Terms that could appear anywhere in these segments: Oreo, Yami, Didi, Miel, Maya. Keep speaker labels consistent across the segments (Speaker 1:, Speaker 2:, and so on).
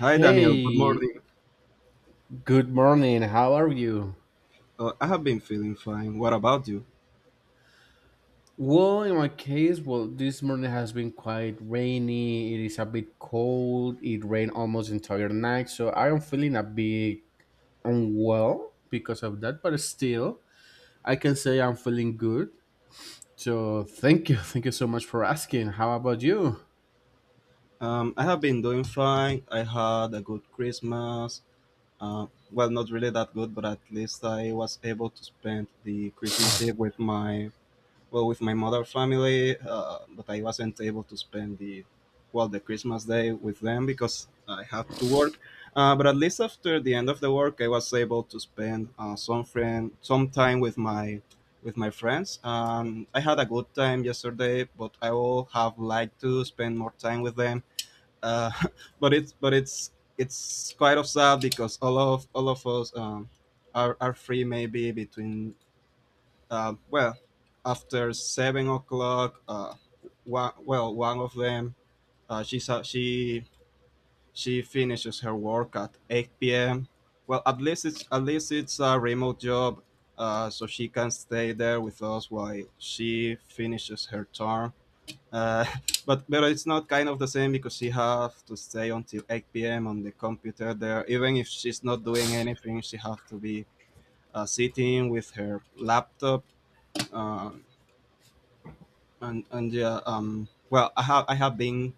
Speaker 1: Hi Daniel, good morning.
Speaker 2: good morning. How are you?
Speaker 1: I have been feeling fine. What about you?
Speaker 2: Well, in my case, well, this morning has been quite rainy. It is a bit cold. It rained almost entire night, so I am feeling a bit unwell because of that. But still, I can say I'm feeling good. So thank you, thank you so much for asking. How about you?
Speaker 1: I have been doing fine. I had a good Christmas. Well, not really that good, but at least I was able to spend the Christmas Eve with my well with my mother family, but I wasn't able to spend the Christmas day with them because I had to work. But at least after the end of the work, I was able to spend some time with my friends. I had a good time yesterday, but I would have liked to spend more time with them. Uh, but it's quite of sad, because all of us, are free maybe between, uh, well, after 7 o'clock. One of them, she sa- she finishes her work at 8 p.m. Well, at least it's a remote job, so she can stay there with us while she finishes her term. Uh, but it's not kind of the same, because she have to stay until 8 p.m. on the computer there. Even if she's not doing anything, she have to be sitting with her laptop, uh, and yeah. Well, i have i have been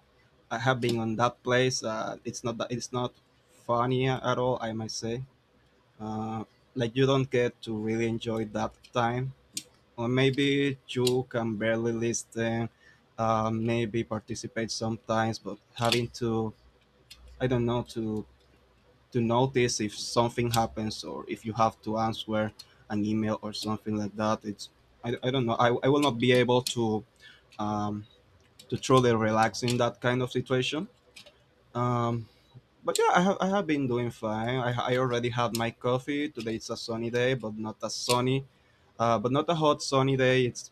Speaker 1: i have been on that place. It's not that it's not funny at all, I might say. uh like, you don't get to really enjoy that time, or maybe you can barely listen, maybe participate sometimes, but having to, I don't know, to notice if something happens, or if you have to answer an email or something like that. I don't know, I will not be able um to truly relax in that kind of situation. Um, but yeah, I have been doing fine. I already had my coffee. Today it's a sunny day, but not a sunny, but not a hot sunny day. It's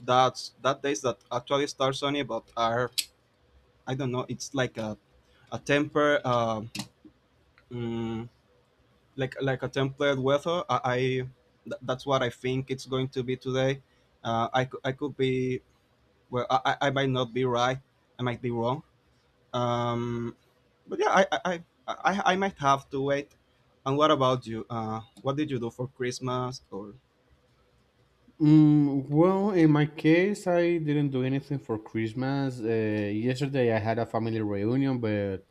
Speaker 1: that days that actually start sunny, but are, I don't know. It's like a temper, mm, like a tempered weather. That's what I think it's going to be today. I could be. Well, I might not be right. I might be wrong. Um, but yeah, I might have to wait. And what about you? What did you do for Christmas? Or...
Speaker 2: Well, in my case, I didn't do anything for Christmas. Yesterday, I had a family reunion, but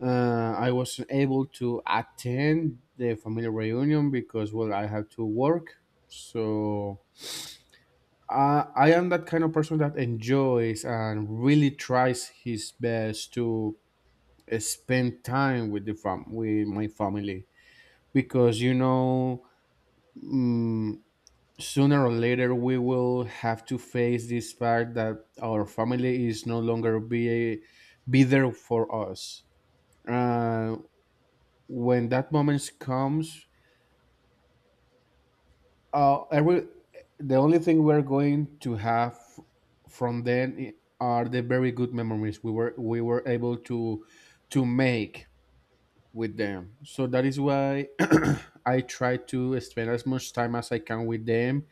Speaker 2: I wasn't able to attend the family reunion because, well, I had to work. So I am that kind of person that enjoys and really tries his best to spend time with the fam with my family, because you know, mm, sooner or later we will have to face this fact that our family is no longer be there for us. Uh. When that moment comes, uh, every, the only thing we're going to have from are the very good memories we were able to make with them. So that is why I try to spend as much time as I can with them.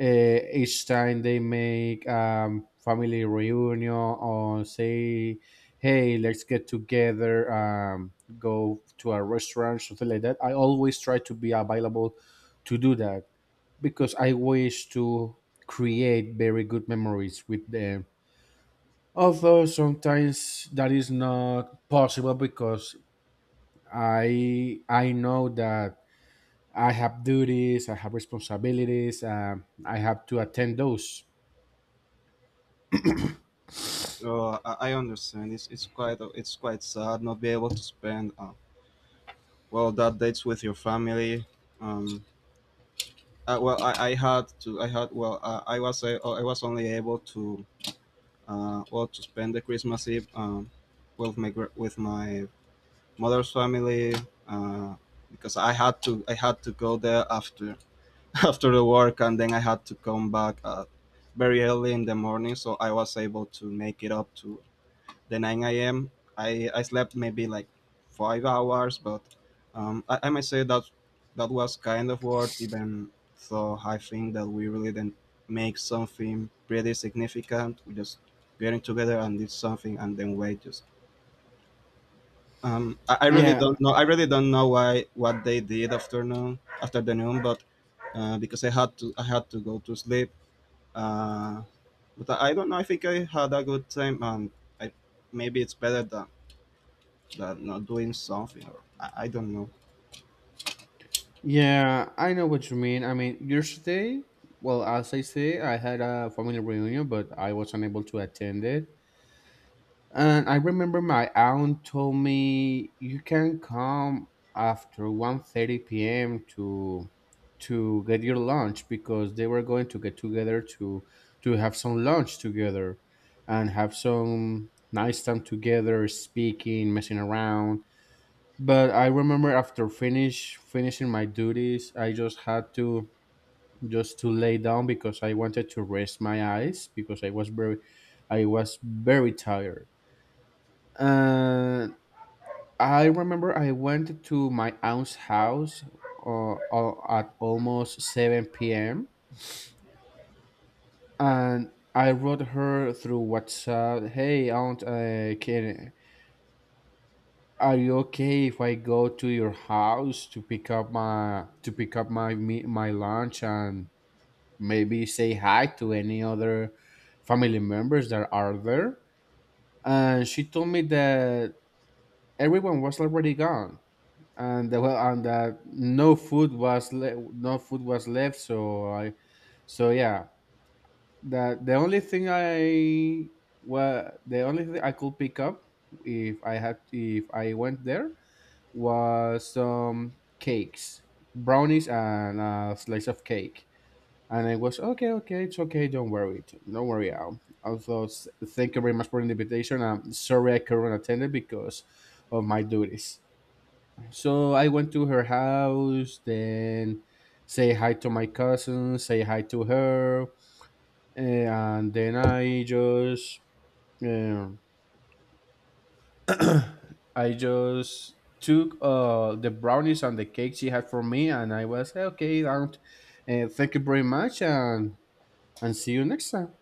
Speaker 2: uh, each time they make family reunion or say, hey, let's get together, go to a restaurant, something like that, I always try to be available to do that, because I wish to create very good memories with them, although sometimes that is not possible because I know that I have duties, I have responsibilities. I have to attend those.
Speaker 1: I understand. It's quite sad not be able to spend, well, that dates with your family. Um, well, I had to I had well I was only able to, to spend the Christmas Eve, with my mother's family, uh, because I had to go there after after the work, and then I had to come back, very early in the morning, so I was able to make it up to the 9 a.m. I slept maybe like 5 hours, but, I might say that that was kind of worth, even though I think that we really didn't make something pretty significant. We just getting together and did something, and then wait just. I really
Speaker 2: Yeah,
Speaker 1: don't know. I really don't know why what they did afternoon after the noon, but, because I had to go to sleep. Uh, but I don't know. I think I had a good time, and, I, maybe it's better than not doing something. Or I don't know.
Speaker 2: yeah, I know what you mean. I mean, yesterday, well, as I say, I had a family reunion, but I was unable to attend it. And I remember my aunt told me you can come after 1:30 p.m. to get your lunch because they were going to get together to have some lunch together and have some nice time together, speaking, messing around. But I remember, after finishing my duties, I just had to just to lay down because I wanted to rest my eyes because I was very tired. And I remember I went to my aunt's house at almost 7 p.m, and I wrote her through WhatsApp, hey aunt, can are you okay if I go to your house to pick up my my lunch and maybe say hi to any other family members that are there? And she told me that everyone was already gone, well, and that no food was no food was left. So I so yeah, that the only thing I, well, the only thing I could pick up if I went there, was some cakes, brownies, and a slice of cake. And I was, okay, okay, it's okay, don't worry, don't worry. Al." Also, thank you very much for the invitation. I'm sorry I couldn't attend it because of my duties. So I went to her house, then say hi to my cousin, say hi to her, and then I just, uh, I just took the brownies and the cake she had for me, and I was like, okay. Don't, thank you very much, and see you next time.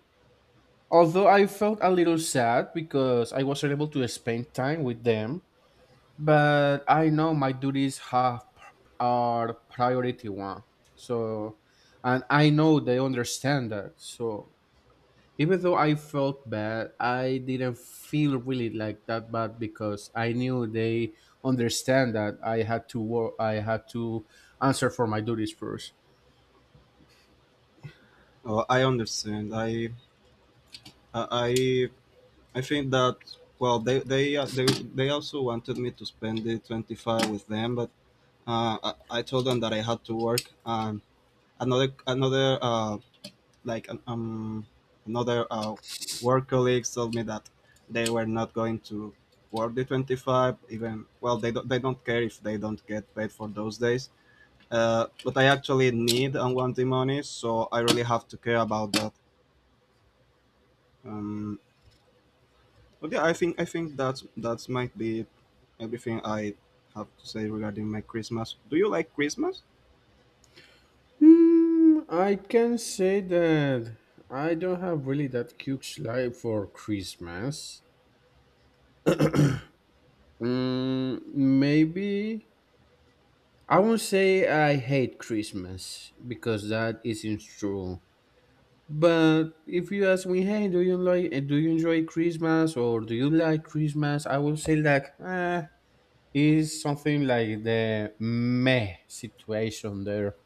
Speaker 2: Although I felt a little sad because I wasn't able to spend time with them, but I know my duties have are priority one. So, and I know they understand that. So even though I felt bad, I didn't feel really like that bad because I knew they understand that I had to work, I had to answer for my duties first.
Speaker 1: Oh, I understand. I I think that, well, they also wanted me to spend the 25th with them, but I told them that I had to work. And another another uh, like um another work colleagues told me that they were not going to work the 25, even, well, they don't care if they don't get paid for those days. But I actually need and want the money, so I really have to care about that. um, but yeah, I think that's might be everything I have to say regarding my Christmas. Do you like Christmas?
Speaker 2: I can say that I don't have really that huge life for Christmas. Maybe I won't say I hate Christmas because that isn't true. But if you ask me, hey, do you like do you enjoy Christmas or do you like Christmas? I will say like is something like the meh situation there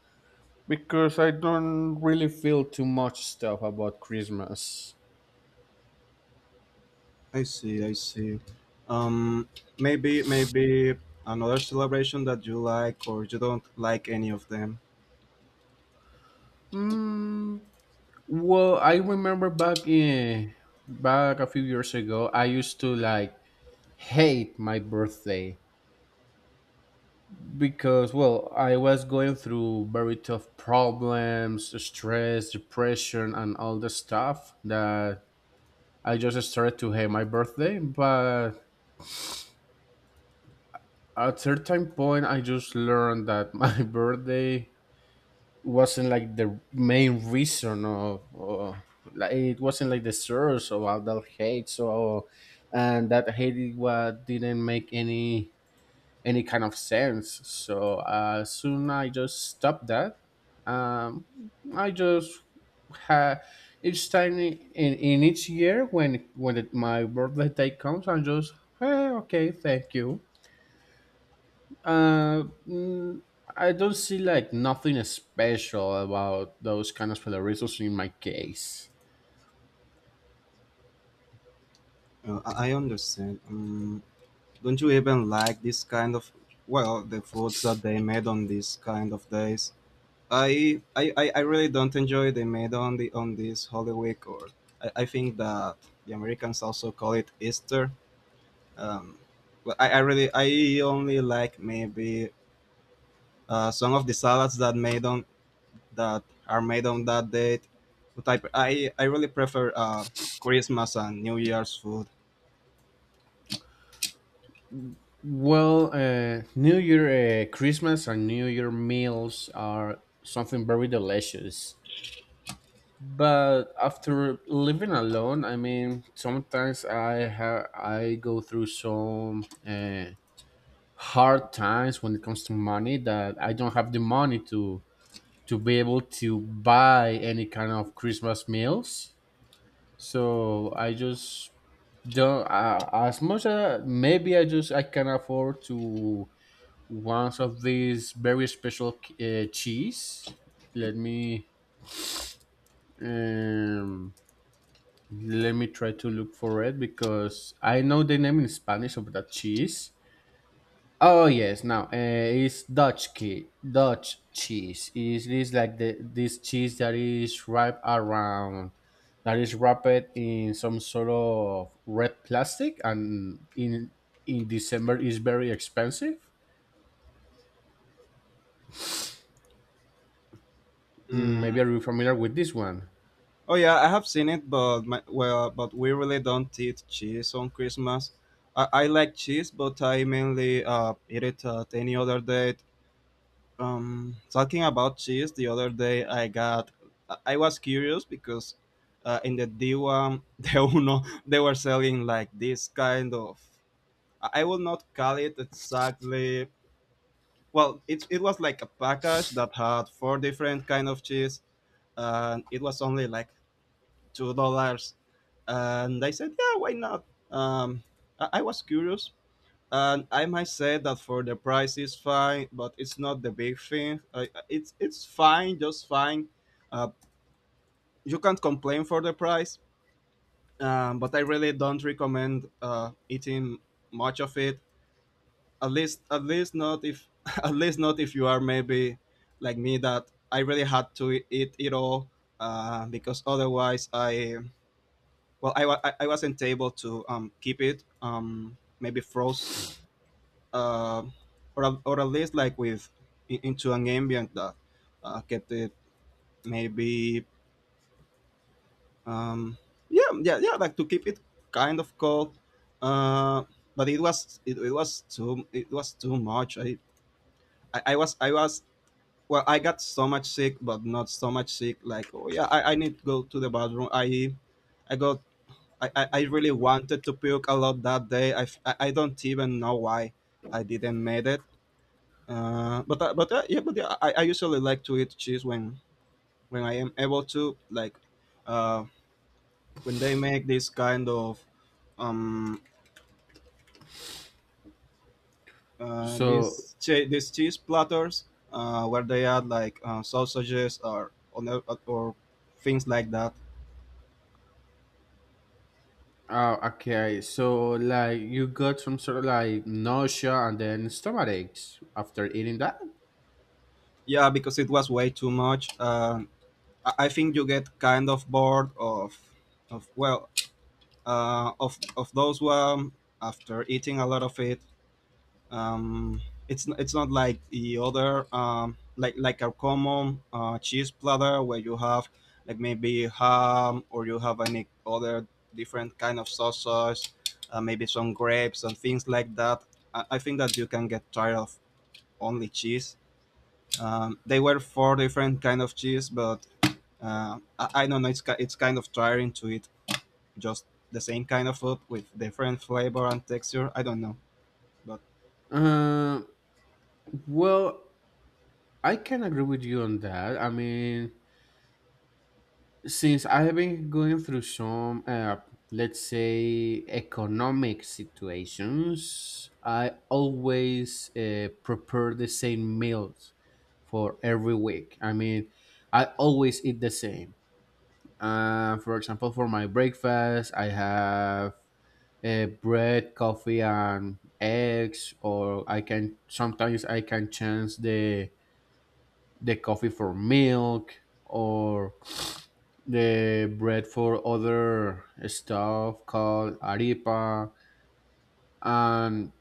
Speaker 2: because I don't really feel too much stuff about Christmas.
Speaker 1: I see, I see. Um, Maybe, another celebration that you like, or you don't like any of them.
Speaker 2: Mm, well, I remember back a few years ago, I used to like hate my birthday because, well, I was going through very tough problems, stress, depression, and all the stuff that I just started to hate my birthday. But at certain point, I just learned that my birthday wasn't like the main reason of like it wasn't like the source of all that hate. So, and that hate it what didn't make any kind of sense. So soon I just stopped that. Um, I just had each time each year when my birthday day comes, I'm just, hey, okay, thank you. Uh, mm, I don't see like nothing special about those kind of celebrations in my case.
Speaker 1: I understand. Don't you even like this kind of, well, the foods that they made on these kind of days? I really don't enjoy they made on the on this Holy Week, or I think that the Americans also call it Easter. Um, well, I only like maybe some of the salads that are made on that date. But I really prefer Christmas and New Year's food.
Speaker 2: Well, New Year, Christmas, and New Year meals are something very delicious. But after living alone, I mean, sometimes I go through some hard times when it comes to money, that I don't have the money to be able to buy any kind of Christmas meals. So I just don't as much as maybe I can afford to once of these very special cheese. let me um Let me try to look for it because I know the name in Spanish of that cheese. Oh yes, now it's Dutch key, Dutch cheese. It is like the this cheese that is wrapped around, that is wrapped in some sort of red plastic, and in December is very expensive. Mm,
Speaker 1: Mm.
Speaker 2: maybe are you familiar with this one?
Speaker 1: Oh yeah, I have seen it, but, but we really don't eat cheese on Christmas. I like cheese, but I mainly eat it at any other date. Talking about cheese, the other day I got, I was curious, because, in the D1, the Uno, they were selling like this kind of... I will not call it exactly, well, it was like a package that had four different kind of cheese, and it was only like $2. And I said, yeah, why not? um, I was curious, and I might say that for the price is fine, but it's not the big thing. I, it's fine, just fine. uh, you can't complain for the price. But I really don't recommend eating much of it, at least not if at least not if you are maybe like me, that I really had to eat it all, because otherwise I well I, wa- I wasn't able to, keep it, maybe froze, uh, or at least like with into an ambient that kept it, maybe, um, yeah, yeah, yeah, like, to keep it kind of cold. uh, but it was too much. I was well I got so much sick, but not so much sick, like, oh yeah, I need to go to the bathroom. I i got I, I I really wanted to puke a lot that day. I don't even know why I didn't made it. But yeah, I usually like to eat cheese when I am able to, like, uh when they make this kind of, um
Speaker 2: So,
Speaker 1: these cheese platters, where they add, like, sausages, or things like that.
Speaker 2: oh, okay. So, like, you got some sort of like nausea and then stomach aches after eating that?
Speaker 1: Yeah, because it was way too much. I think you get kind of bored of, of those one after eating a lot of it. Um, it's not like the other, like a common cheese platter where you have, like, maybe ham, or you have any other different kind of sausage, maybe some grapes and things like that. I think that you can get tired of only cheese. They were four different kind of cheese, but I don't know. It's kind of tiring to eat just the same kind of food with different flavor and texture. I don't know, but
Speaker 2: Uh, well, I can agree with you on that. I mean, since I have been going through some, let's say, economic situations, I always prepare the same meals for every week. I mean, I always eat the same. For example, for my breakfast, I have bread, coffee, and eggs, or I can sometimes I can change the coffee for milk, or the bread for other stuff called arepa, and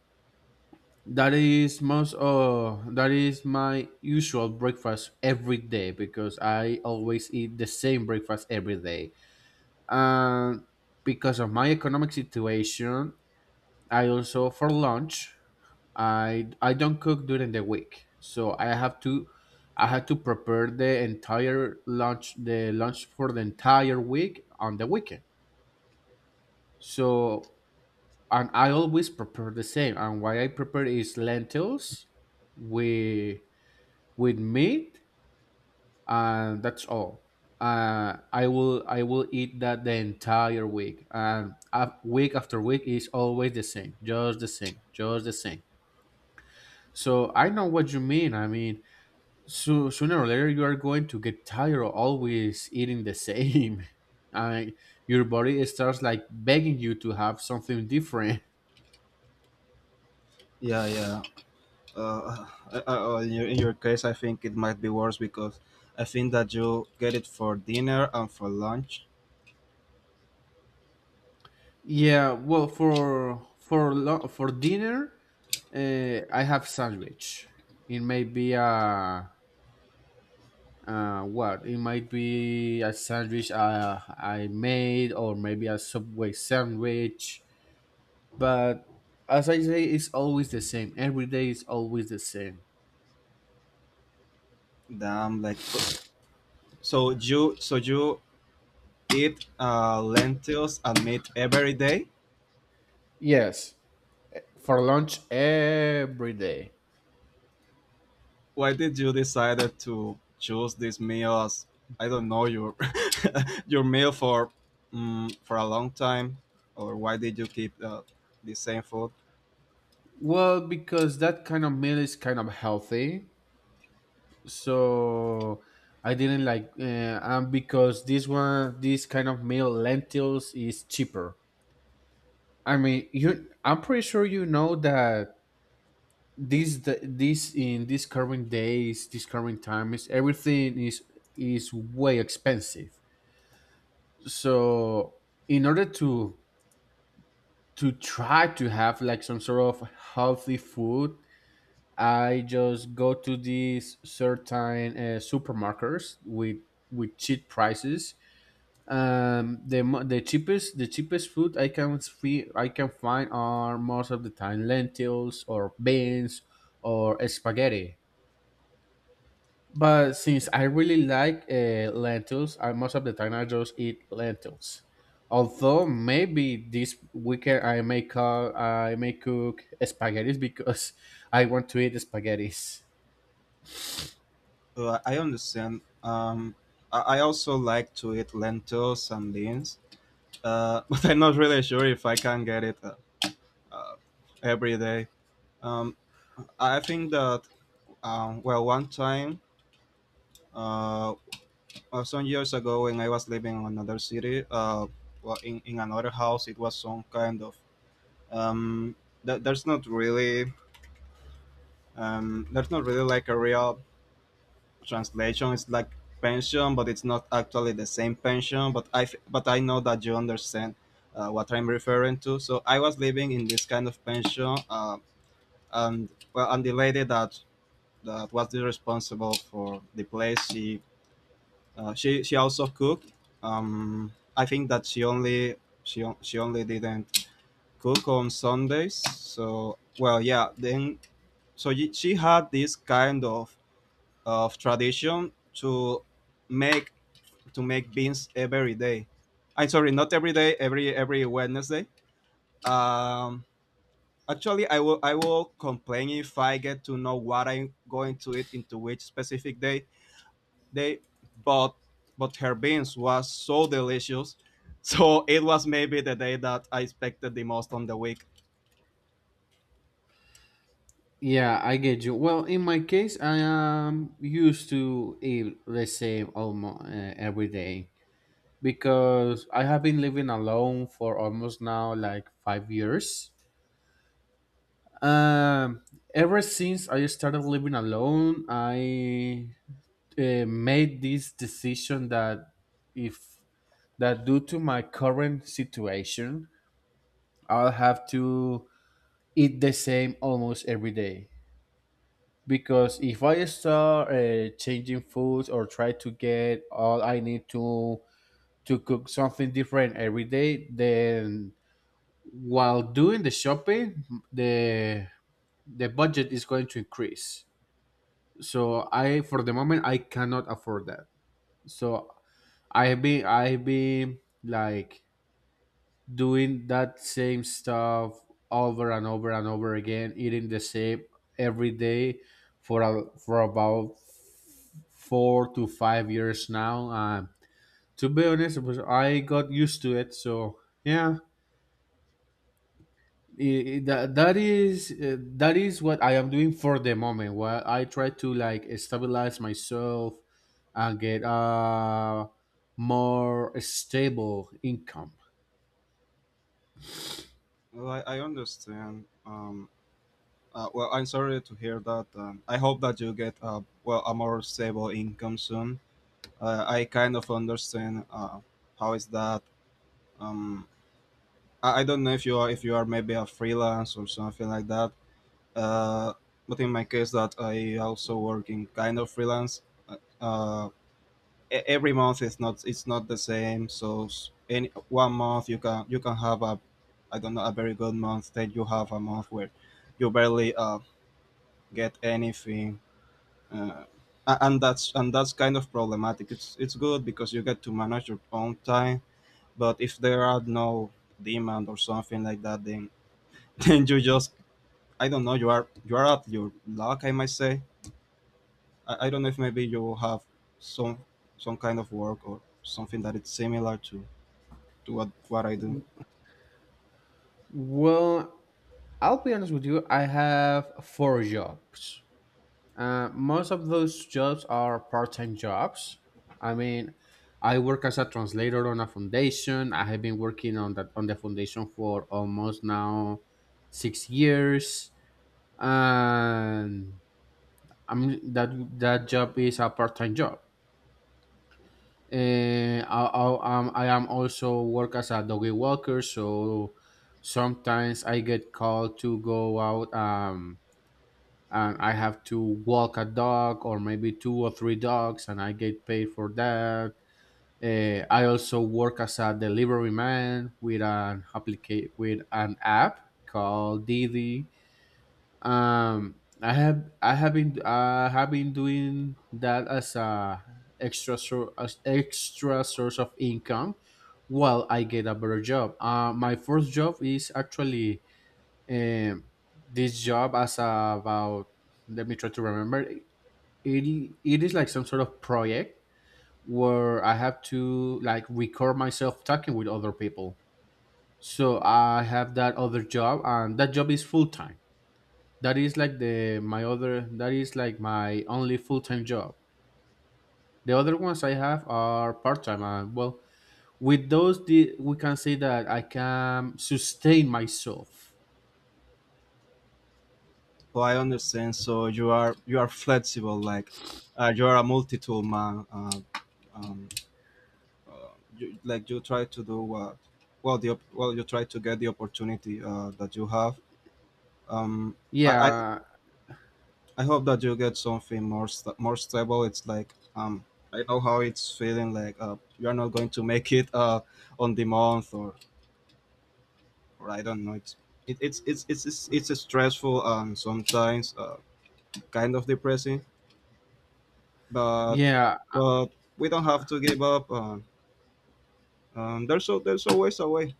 Speaker 2: that is my usual breakfast every day because I always eat the same breakfast every day. And because of my economic situation, I also, for lunch, I don't cook during the week, so I have to prepare the entire lunch the lunch for the entire week on the weekend. So, and I always prepare the same. And what I prepare is lentils with meat, and that's all. I will eat that the entire week, and week after week is always the same, just the same, just the same. So I know what you mean. I mean, so sooner or later you are going to get tired of always eating the same. I Your body starts like begging you to have something different.
Speaker 1: yeah, yeah. Uh, in your case, I think it might be worse because I think that you get it for dinner and for lunch.
Speaker 2: Yeah, well, for dinner, I have sandwich. it may be a it might be a sandwich I made or maybe a Subway sandwich, but, as I say, it's always the same. Every day is always the same.
Speaker 1: Damn, like, so you eat lentils and meat every day.
Speaker 2: Yes. For lunch, every day.
Speaker 1: Why did you decided to choose this meal as, I don't know, your your meal for, for a long time, or why did you keep the same food?
Speaker 2: Well, because that kind of meal is kind of healthy. So I didn't like and because this kind of meal, lentils, is cheaper. I mean, you I'm pretty sure you know that this current days, this current time is everything is way expensive. So in order to try to have like some sort of healthy food, I just go to these certain supermarkets with cheap prices. The cheapest food I can find are most of the time lentils or beans or spaghetti. But since I really like lentils, I most of the time I just eat lentils. Although maybe this weekend I may cook spaghettis because I want to eat spaghettis.
Speaker 1: I understand. I also like to eat lentils and beans, but I'm not really sure if I can get it, uh, every day. Um, I think that, well, one time, uh, some years ago, when I was living in another city, well, in another house, it was some kind of, um, th- there's not really there's not really like a real translation. It's like pension, but it's not actually the same pension. But I know that you understand what I'm referring to. So I was living in this kind of pension, and, well, and the lady that was the responsible for the place, she... She also cooked. Um, I think that she only didn't cook on Sundays. So, well, yeah. Then she had this kind of tradition to make make beans every day. I'm sorry, not every day, every Wednesday. Um, actually, I will complain if I get to know what I'm going to eat into which specific day. They but her beans was so delicious. So it was maybe the day that I expected the most on the week.
Speaker 2: Yeah, I get you. Well, in my case, I am used to eat the same almost every day because I have been living alone for almost now like 5 years. Um, Ever since I started living alone, I made this decision that if that due to my current situation, I'll have to eat the same almost every day, because if I start changing foods or try to get all I need to cook something different every day, then, while doing the shopping, the budget is going to increase. So I, for the moment, I cannot afford that. So I've been like doing that same stuff over and over and over again, eating the same every day for for about 4 to 5 years now. To be honest, I got used to it. So yeah, that is that is what I am doing for the moment, while I try to like stabilize myself and get a more stable income.
Speaker 1: Well, I understand. Well, I'm sorry to hear that. I hope that you get a well a more stable income soon. I kind of understand how is that. Um, I don't know if you are maybe a freelance or something like that. Uh, but in my case, that I also work in kind of freelance. Uh, uh, every month it's not the same. So any one month you can have a I don't know a very good month. Then you have a month where you barely get anything, uh, and that's kind of problematic. It's good because you get to manage your own time. But if there are no demand or something like that, then then you just I don't know. You are at your luck, I might say. I don't know if maybe you have some kind of work or something that it's similar to what I do.
Speaker 2: Well, I'll be honest with you, I have 4 jobs. Most of those jobs are part time jobs. I mean, I work as a translator on a foundation. I have been working on that on the foundation for almost now 6 years. And I mean that that job is a part time job. I am also work as a doggy walker, so sometimes I get called to go out and I have to walk a dog or maybe 2 or 3 dogs, and I get paid for that. I also work as a delivery man with with an app called Didi. Um, I have been doing that as a extra sor- as extra source of income while I get a better job. My first job is actually um, this job as about, let me try to remember, it is like some sort of project where I have to like record myself talking with other people. So I have that other job, and that job is full-time. That is like the my other that is like my only full-time job. The other ones I have are part-time, and well, with those, we can say that I can sustain myself.
Speaker 1: Well, I understand. So you are flexible, like you are a multi-tool man. Um, uh, you, you try to do what well you try to get the opportunity that you have. Um, I, I
Speaker 2: yeah
Speaker 1: I hope that you get something more sta more stable. It's like I know how it's feeling like you are not going to make it on the month or I don't know. It's it, it's stressful and sometimes kind of depressing but
Speaker 2: yeah
Speaker 1: but we don't have to give up. There's always a way.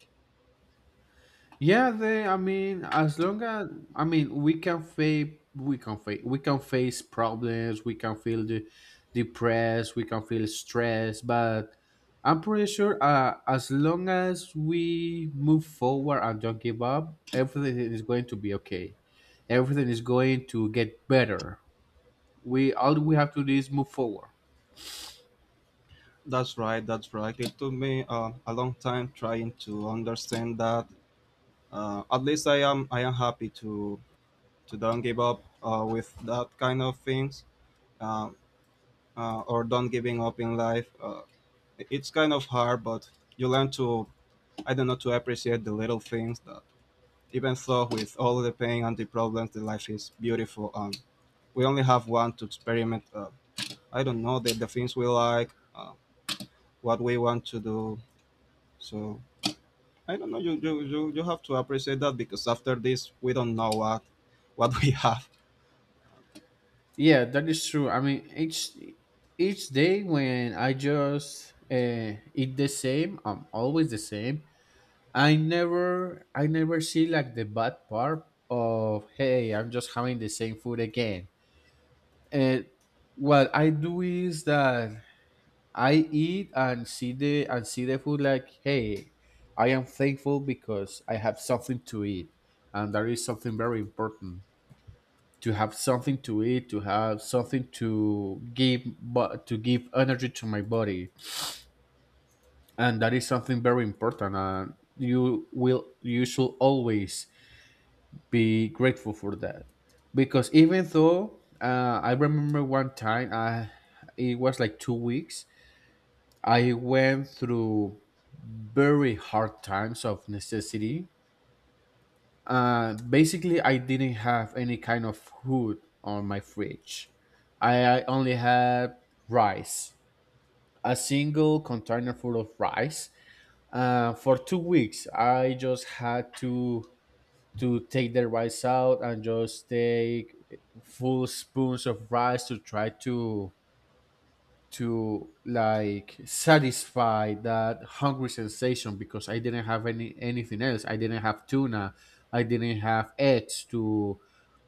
Speaker 2: Yeah, I mean, as long as, I mean, we can face, we can face, we can face problems. We can feel the depressed. We can feel stressed. But I'm pretty sure, as long as we move forward and don't give up, everything is going to be okay. Everything is going to get better. We have to do is move forward.
Speaker 1: That's right. That's right. It took me a long time trying to understand that. At least I am happy to don't give up with that kind of things um, or don't giving up in life. It's kind of hard, but you learn to I don't know to appreciate the little things that even though with all the pain and the problems, the life is beautiful. We only have one to experiment I don't know the things we like, what we want to do. So I don't know. You have to appreciate that because after this we don't know what we have.
Speaker 2: Yeah, that is true. I mean, each day when I just eat the same, I'm always the same. I never see like the bad part of, hey, I'm just having the same food again. And what I do is that I eat and see the food like, hey, I am thankful because I have something to eat, and that is something very important, to have something to eat, to have something to give, but to give energy to my body. And that is something very important, and you should always be grateful for that. Because even though I remember one time, I it was like 2 weeks, I went through very hard times of necessity. Basically, I didn't have any kind of food on my fridge. I only had rice, a single container full of rice. For 2 weeks, I just had to take the rice out and just take full spoons of rice to try to like satisfy that hungry sensation, because I didn't have anything else. I didn't have tuna. I didn't have eggs to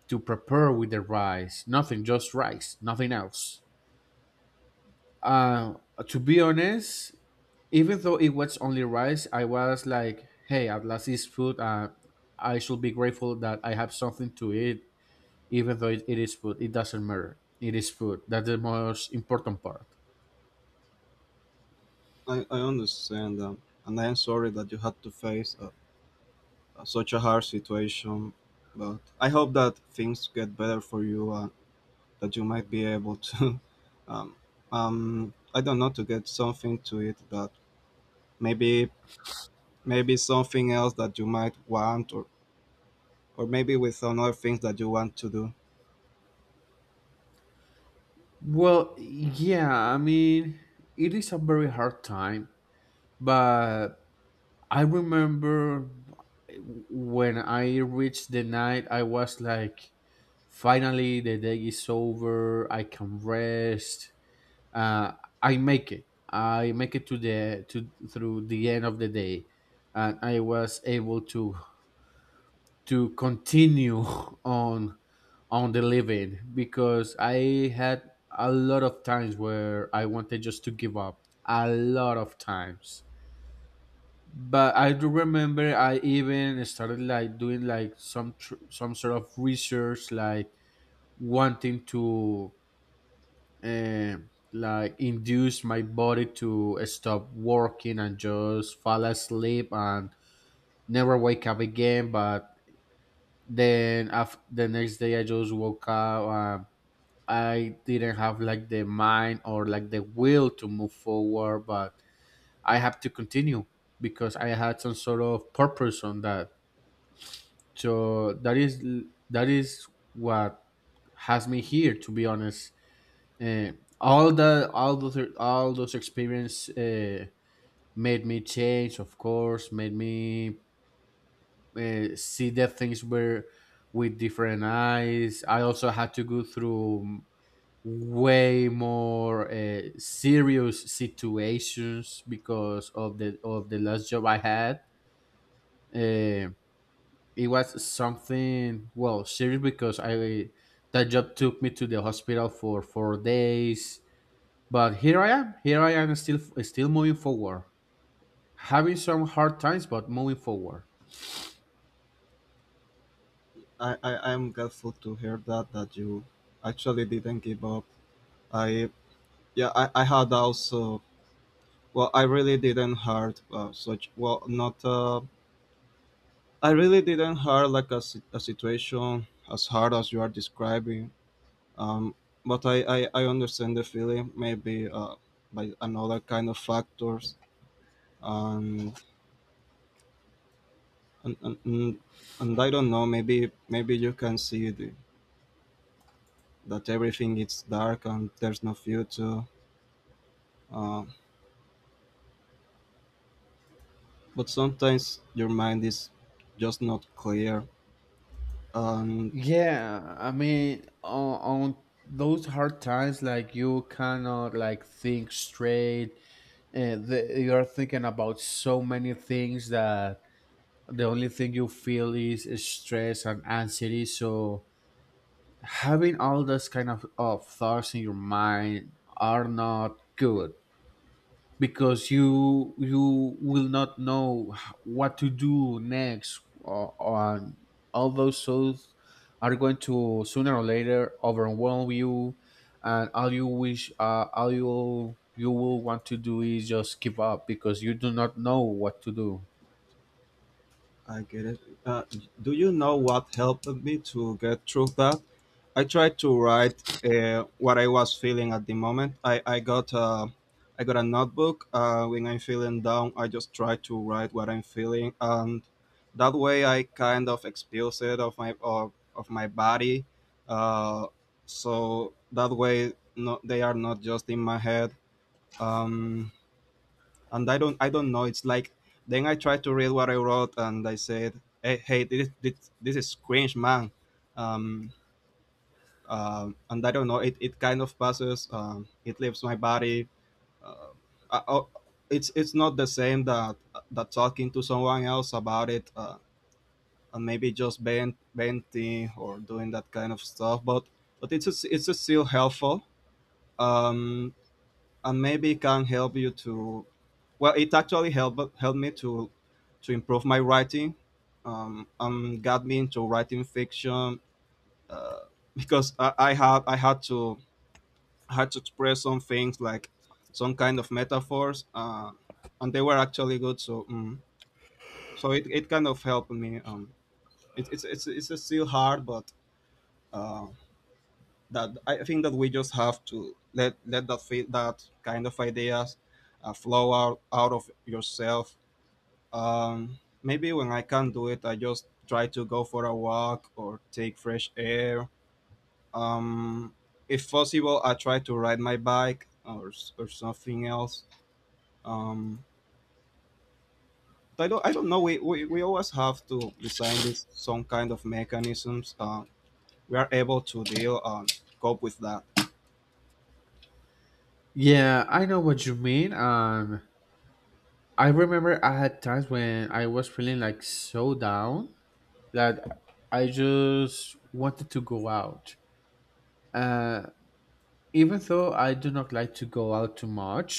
Speaker 2: to prepare with the rice. Nothing, just rice, nothing else. Uh, to be honest, even though it was only rice, I was like, hey, at last it's food. I should be grateful that I have something to eat, even though it is food. It doesn't matter. It is food. That's the most important part.
Speaker 1: I understand, and I am sorry that you had to face such a hard situation. But I hope that things get better for you and that you might be able to, um, I don't know, to get something to it that maybe maybe something else that you might want or maybe with some other things that you want to do.
Speaker 2: Well, yeah, I mean, it is a very hard time, but I remember when I reached the night, I was like, finally, the day is over. I can rest. Uh, I make it. I make it to through the end of the day, and I was able to continue on on the living, because I had a lot of times where I wanted just to give up. A lot of times. But I do remember I even started like doing like some sort of research, like wanting to like induce my body to stop working and just fall asleep and never wake up again. But then after the next day I just woke up, and I didn't have like the mind or like the will to move forward, but I have to continue because I had some sort of purpose on that. So that is, that is what has me here, to be honest. uh, all the all those experience, made me change of course, made me, see the things were with different eyes. I also had to go through way more serious situations, because of the last job I had. uh, it was something well serious, because I that job took me to the hospital for 4 days. But here I am. Here I am, still moving forward, having some hard times, but moving forward.
Speaker 1: I'm grateful to hear that you actually didn't give up. I yeah I had also well I really didn't hard such well not I really didn't hard like a situation as hard as you are describing. Um, but I understand the feeling maybe by another kind of factors and and and, and and I don't know maybe maybe you can see the that everything is dark and there's no future. Uh, but sometimes your mind is just not clear and
Speaker 2: Yeah, I mean, on those hard times, like you cannot like think straight. You're thinking about so many things, that the only thing you feel is stress and anxiety. So having all those of thoughts in your mind are not good, because you will not know what to do next, or all those thoughts are going to sooner or later overwhelm you. And all you wish, all you you will want to do is just give up, because you do not know what to do.
Speaker 1: I get it. Do you know what helped me to get through that? I tried to write what I was feeling at the moment. I got a notebook. When I'm feeling down, I just try to write what I'm feeling, and that way I kind of expose it of my of my body. Uh, so that way, no, they are not just in my head. Um, and I don't know. It's like then I tried to read what I wrote, and I said, "Hey, this is cringe, man." Um, and I don't know. It kind of passes. It leaves my body. Uh, I, I- it's not the same that talking to someone else about it, and maybe just bent venting or doing that kind of stuff. But it's still helpful. Um, and maybe it can help you to well it actually helped me to improve my writing and got me into writing fiction uh, because I had to express some things like some kind of metaphors and they were actually good so mm, so it kind of helped me it, it's still hard but um, that I think that we just have to let that kind of ideas flow out of yourself. Maybe when I can't do it, I just try to go for a walk or take fresh air. Um, if possible, I try to ride my bike or something else. Um, but I don't know. We always have to design this some kind of mechanisms. We are able to deal and cope with that.
Speaker 2: Yeah, I know what you mean. I remember I had times when I was feeling like so down that I just wanted to go out. uh Even though I do not like to go out too much,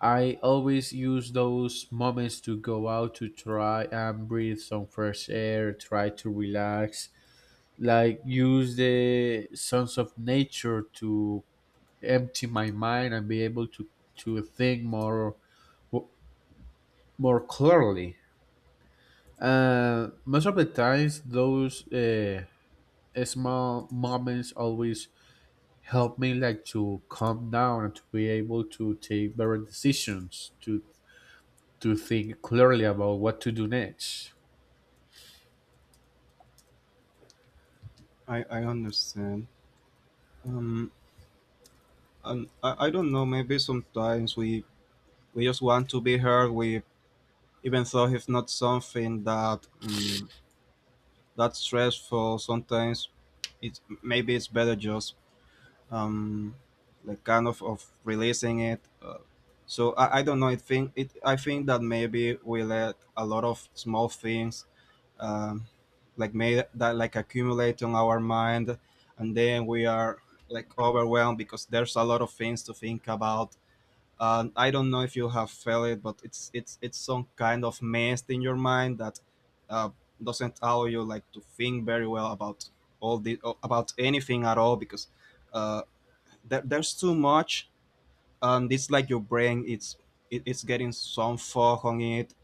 Speaker 2: I always use those moments to go out, to try and breathe some fresh air, try to relax, like use the sense of nature to empty my mind and be able to think more, more clearly. Most of the times, those small moments always helped me like to calm down and to be able to take better decisions, to think clearly about what to do next.
Speaker 1: I understand. Um, And I don't know, maybe sometimes we just want to be heard. We even though it's not something that that's stressful. Sometimes it's maybe it's better just um like kind of releasing it. So I don't know. I think it. I think that maybe we let a lot of small things um like made that like accumulate on our mind, and then we are like overwhelmed because there's a lot of things to think about I don't know if you have felt it, but it's some kind of mess in your mind that uh, doesn't allow you like to think very well about all the about anything at all because uh, there's too much, and it's like your brain it's getting some fog on it.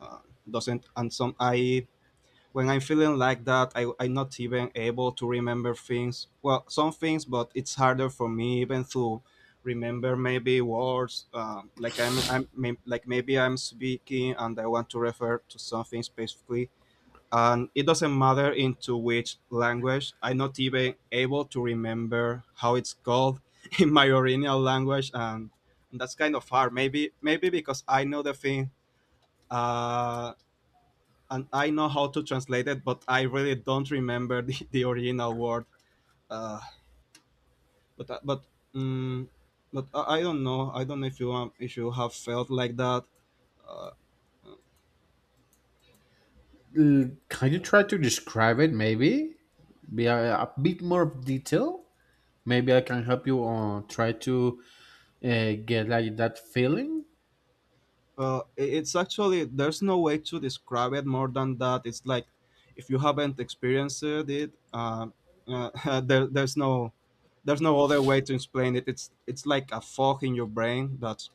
Speaker 1: Doesn't and some I When I'm feeling like that, I'm not even able to remember things. Well, some things, but it's harder for me even to remember maybe words. Like I'm maybe I'm speaking and I want to refer to something specifically, and it doesn't matter into which language. I'm not even able to remember how it's called in my original language, and that's kind of hard. Maybe maybe because I know the thing. Uh, and I know how to translate it, but I really don't remember the original word. Uh, but um, but I don't know. I don't know if you have felt like that. Uh,
Speaker 2: Can you try to describe it, maybe be a bit more detail? Maybe I can help you on try to, get like that feeling.
Speaker 1: it's actually there's no way to describe it more than that. It's like if you haven't experienced it, uh, there, there's no there's no other way to explain it. It's like a fog in your brain that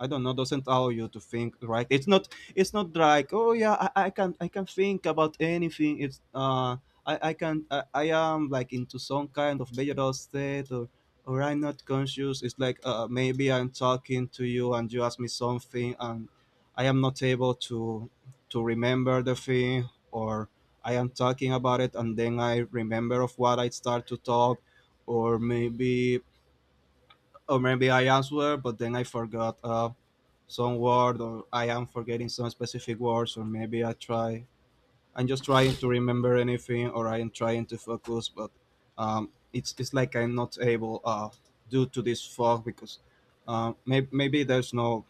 Speaker 1: I don't know, doesn't allow you to think, right? It's not like, oh yeah, I can think about anything. I can I am like into some kind of vegetal state or I'm not conscious. It's like maybe I'm talking to you and you ask me something and I am not able to remember the thing or I am talking about it and then I remember of what I start to talk or maybe or maybe I answer but then I forgot some word or I am forgetting some specific words or maybe I'm just trying to remember anything or I am trying to focus but it's like I'm not able due to this fog because maybe maybe there's no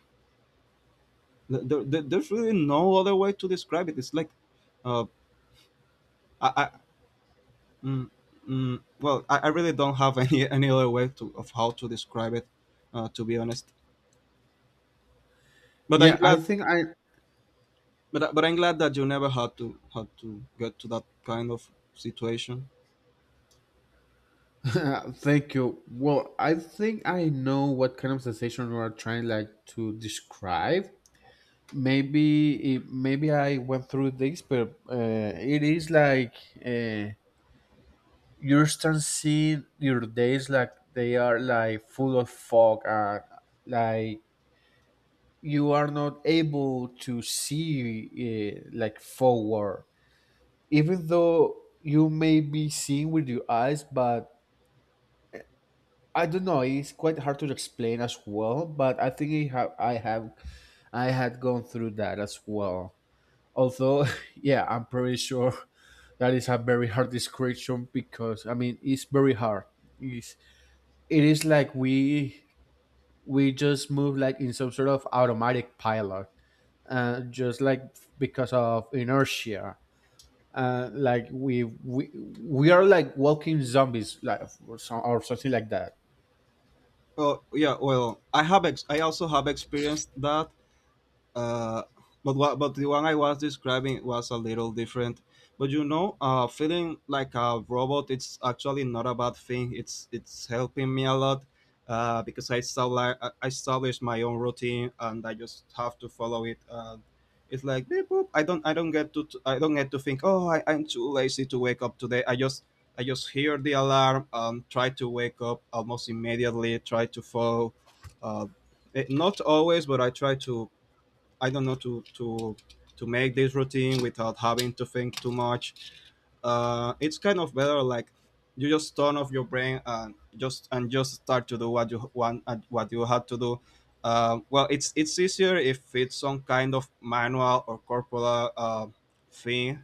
Speaker 1: there's really no other way to describe it it's like uh, I mm, mm, well I really don't have any any other way to of how to describe it to be honest but I'm
Speaker 2: Yeah I
Speaker 1: glad
Speaker 2: think I
Speaker 1: But I- but I'm glad that you never had to get to that kind of situation.
Speaker 2: Thank you. Well, I think I know what kind of sensation you are trying like to describe. Maybe I went through this, but it is like, uh, you start seeing your days like they are like full of fog, like you are not able to see like forward, even though you may be seeing with your eyes, but I don't know. It's quite hard to explain as well, but I think I have, I had gone through that as well. Although, yeah, I'm pretty sure that is a very hard description, because I mean it's very hard. It's, it is like we just move like in some sort of automatic pilot, just like because of inertia. Like we are like walking zombies, like, or something like that.
Speaker 1: Oh yeah, well, I also have experienced that, uh, but what but the one I was describing was a little different. But you know, feeling like a robot, it's actually not a bad thing. It's helping me a lot because I established my own routine and I just have to follow it. It's like beep, boop. I don't get to think. Oh, I'm too lazy to wake up today. I just hear the alarm and try to wake up almost immediately. Try to follow. Uh, Not always, but I try to I don't know to to make this routine without having to think too much. It's kind of better like you just turn off your brain and just start to do what you want and what you had to do. Well, it's easier if it's some kind of manual or corporal thing.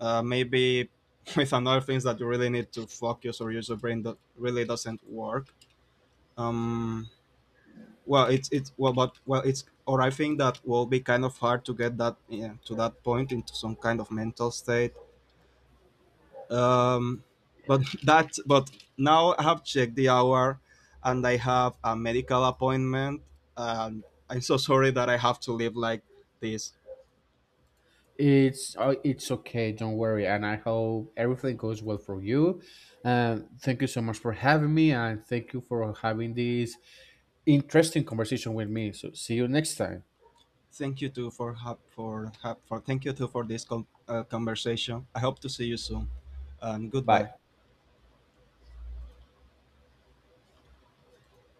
Speaker 1: Maybe with another things that you really need to focus or use your brain that really doesn't work. Um, well, it's well, but well, it's or I think that will be kind of hard to get that yeah, to that point into some kind of mental state. Um, but that but now I have checked the hour, and I have a medical appointment. And I'm so sorry that I have to live like this.
Speaker 2: It's okay, don't worry, and I hope everything goes well for you. Thank you so much for having me, and thank you for having this interesting conversation with me. So see you next time.
Speaker 1: Thank you too for this conversation. I hope to see you soon, and
Speaker 2: Bye.
Speaker 1: goodbye.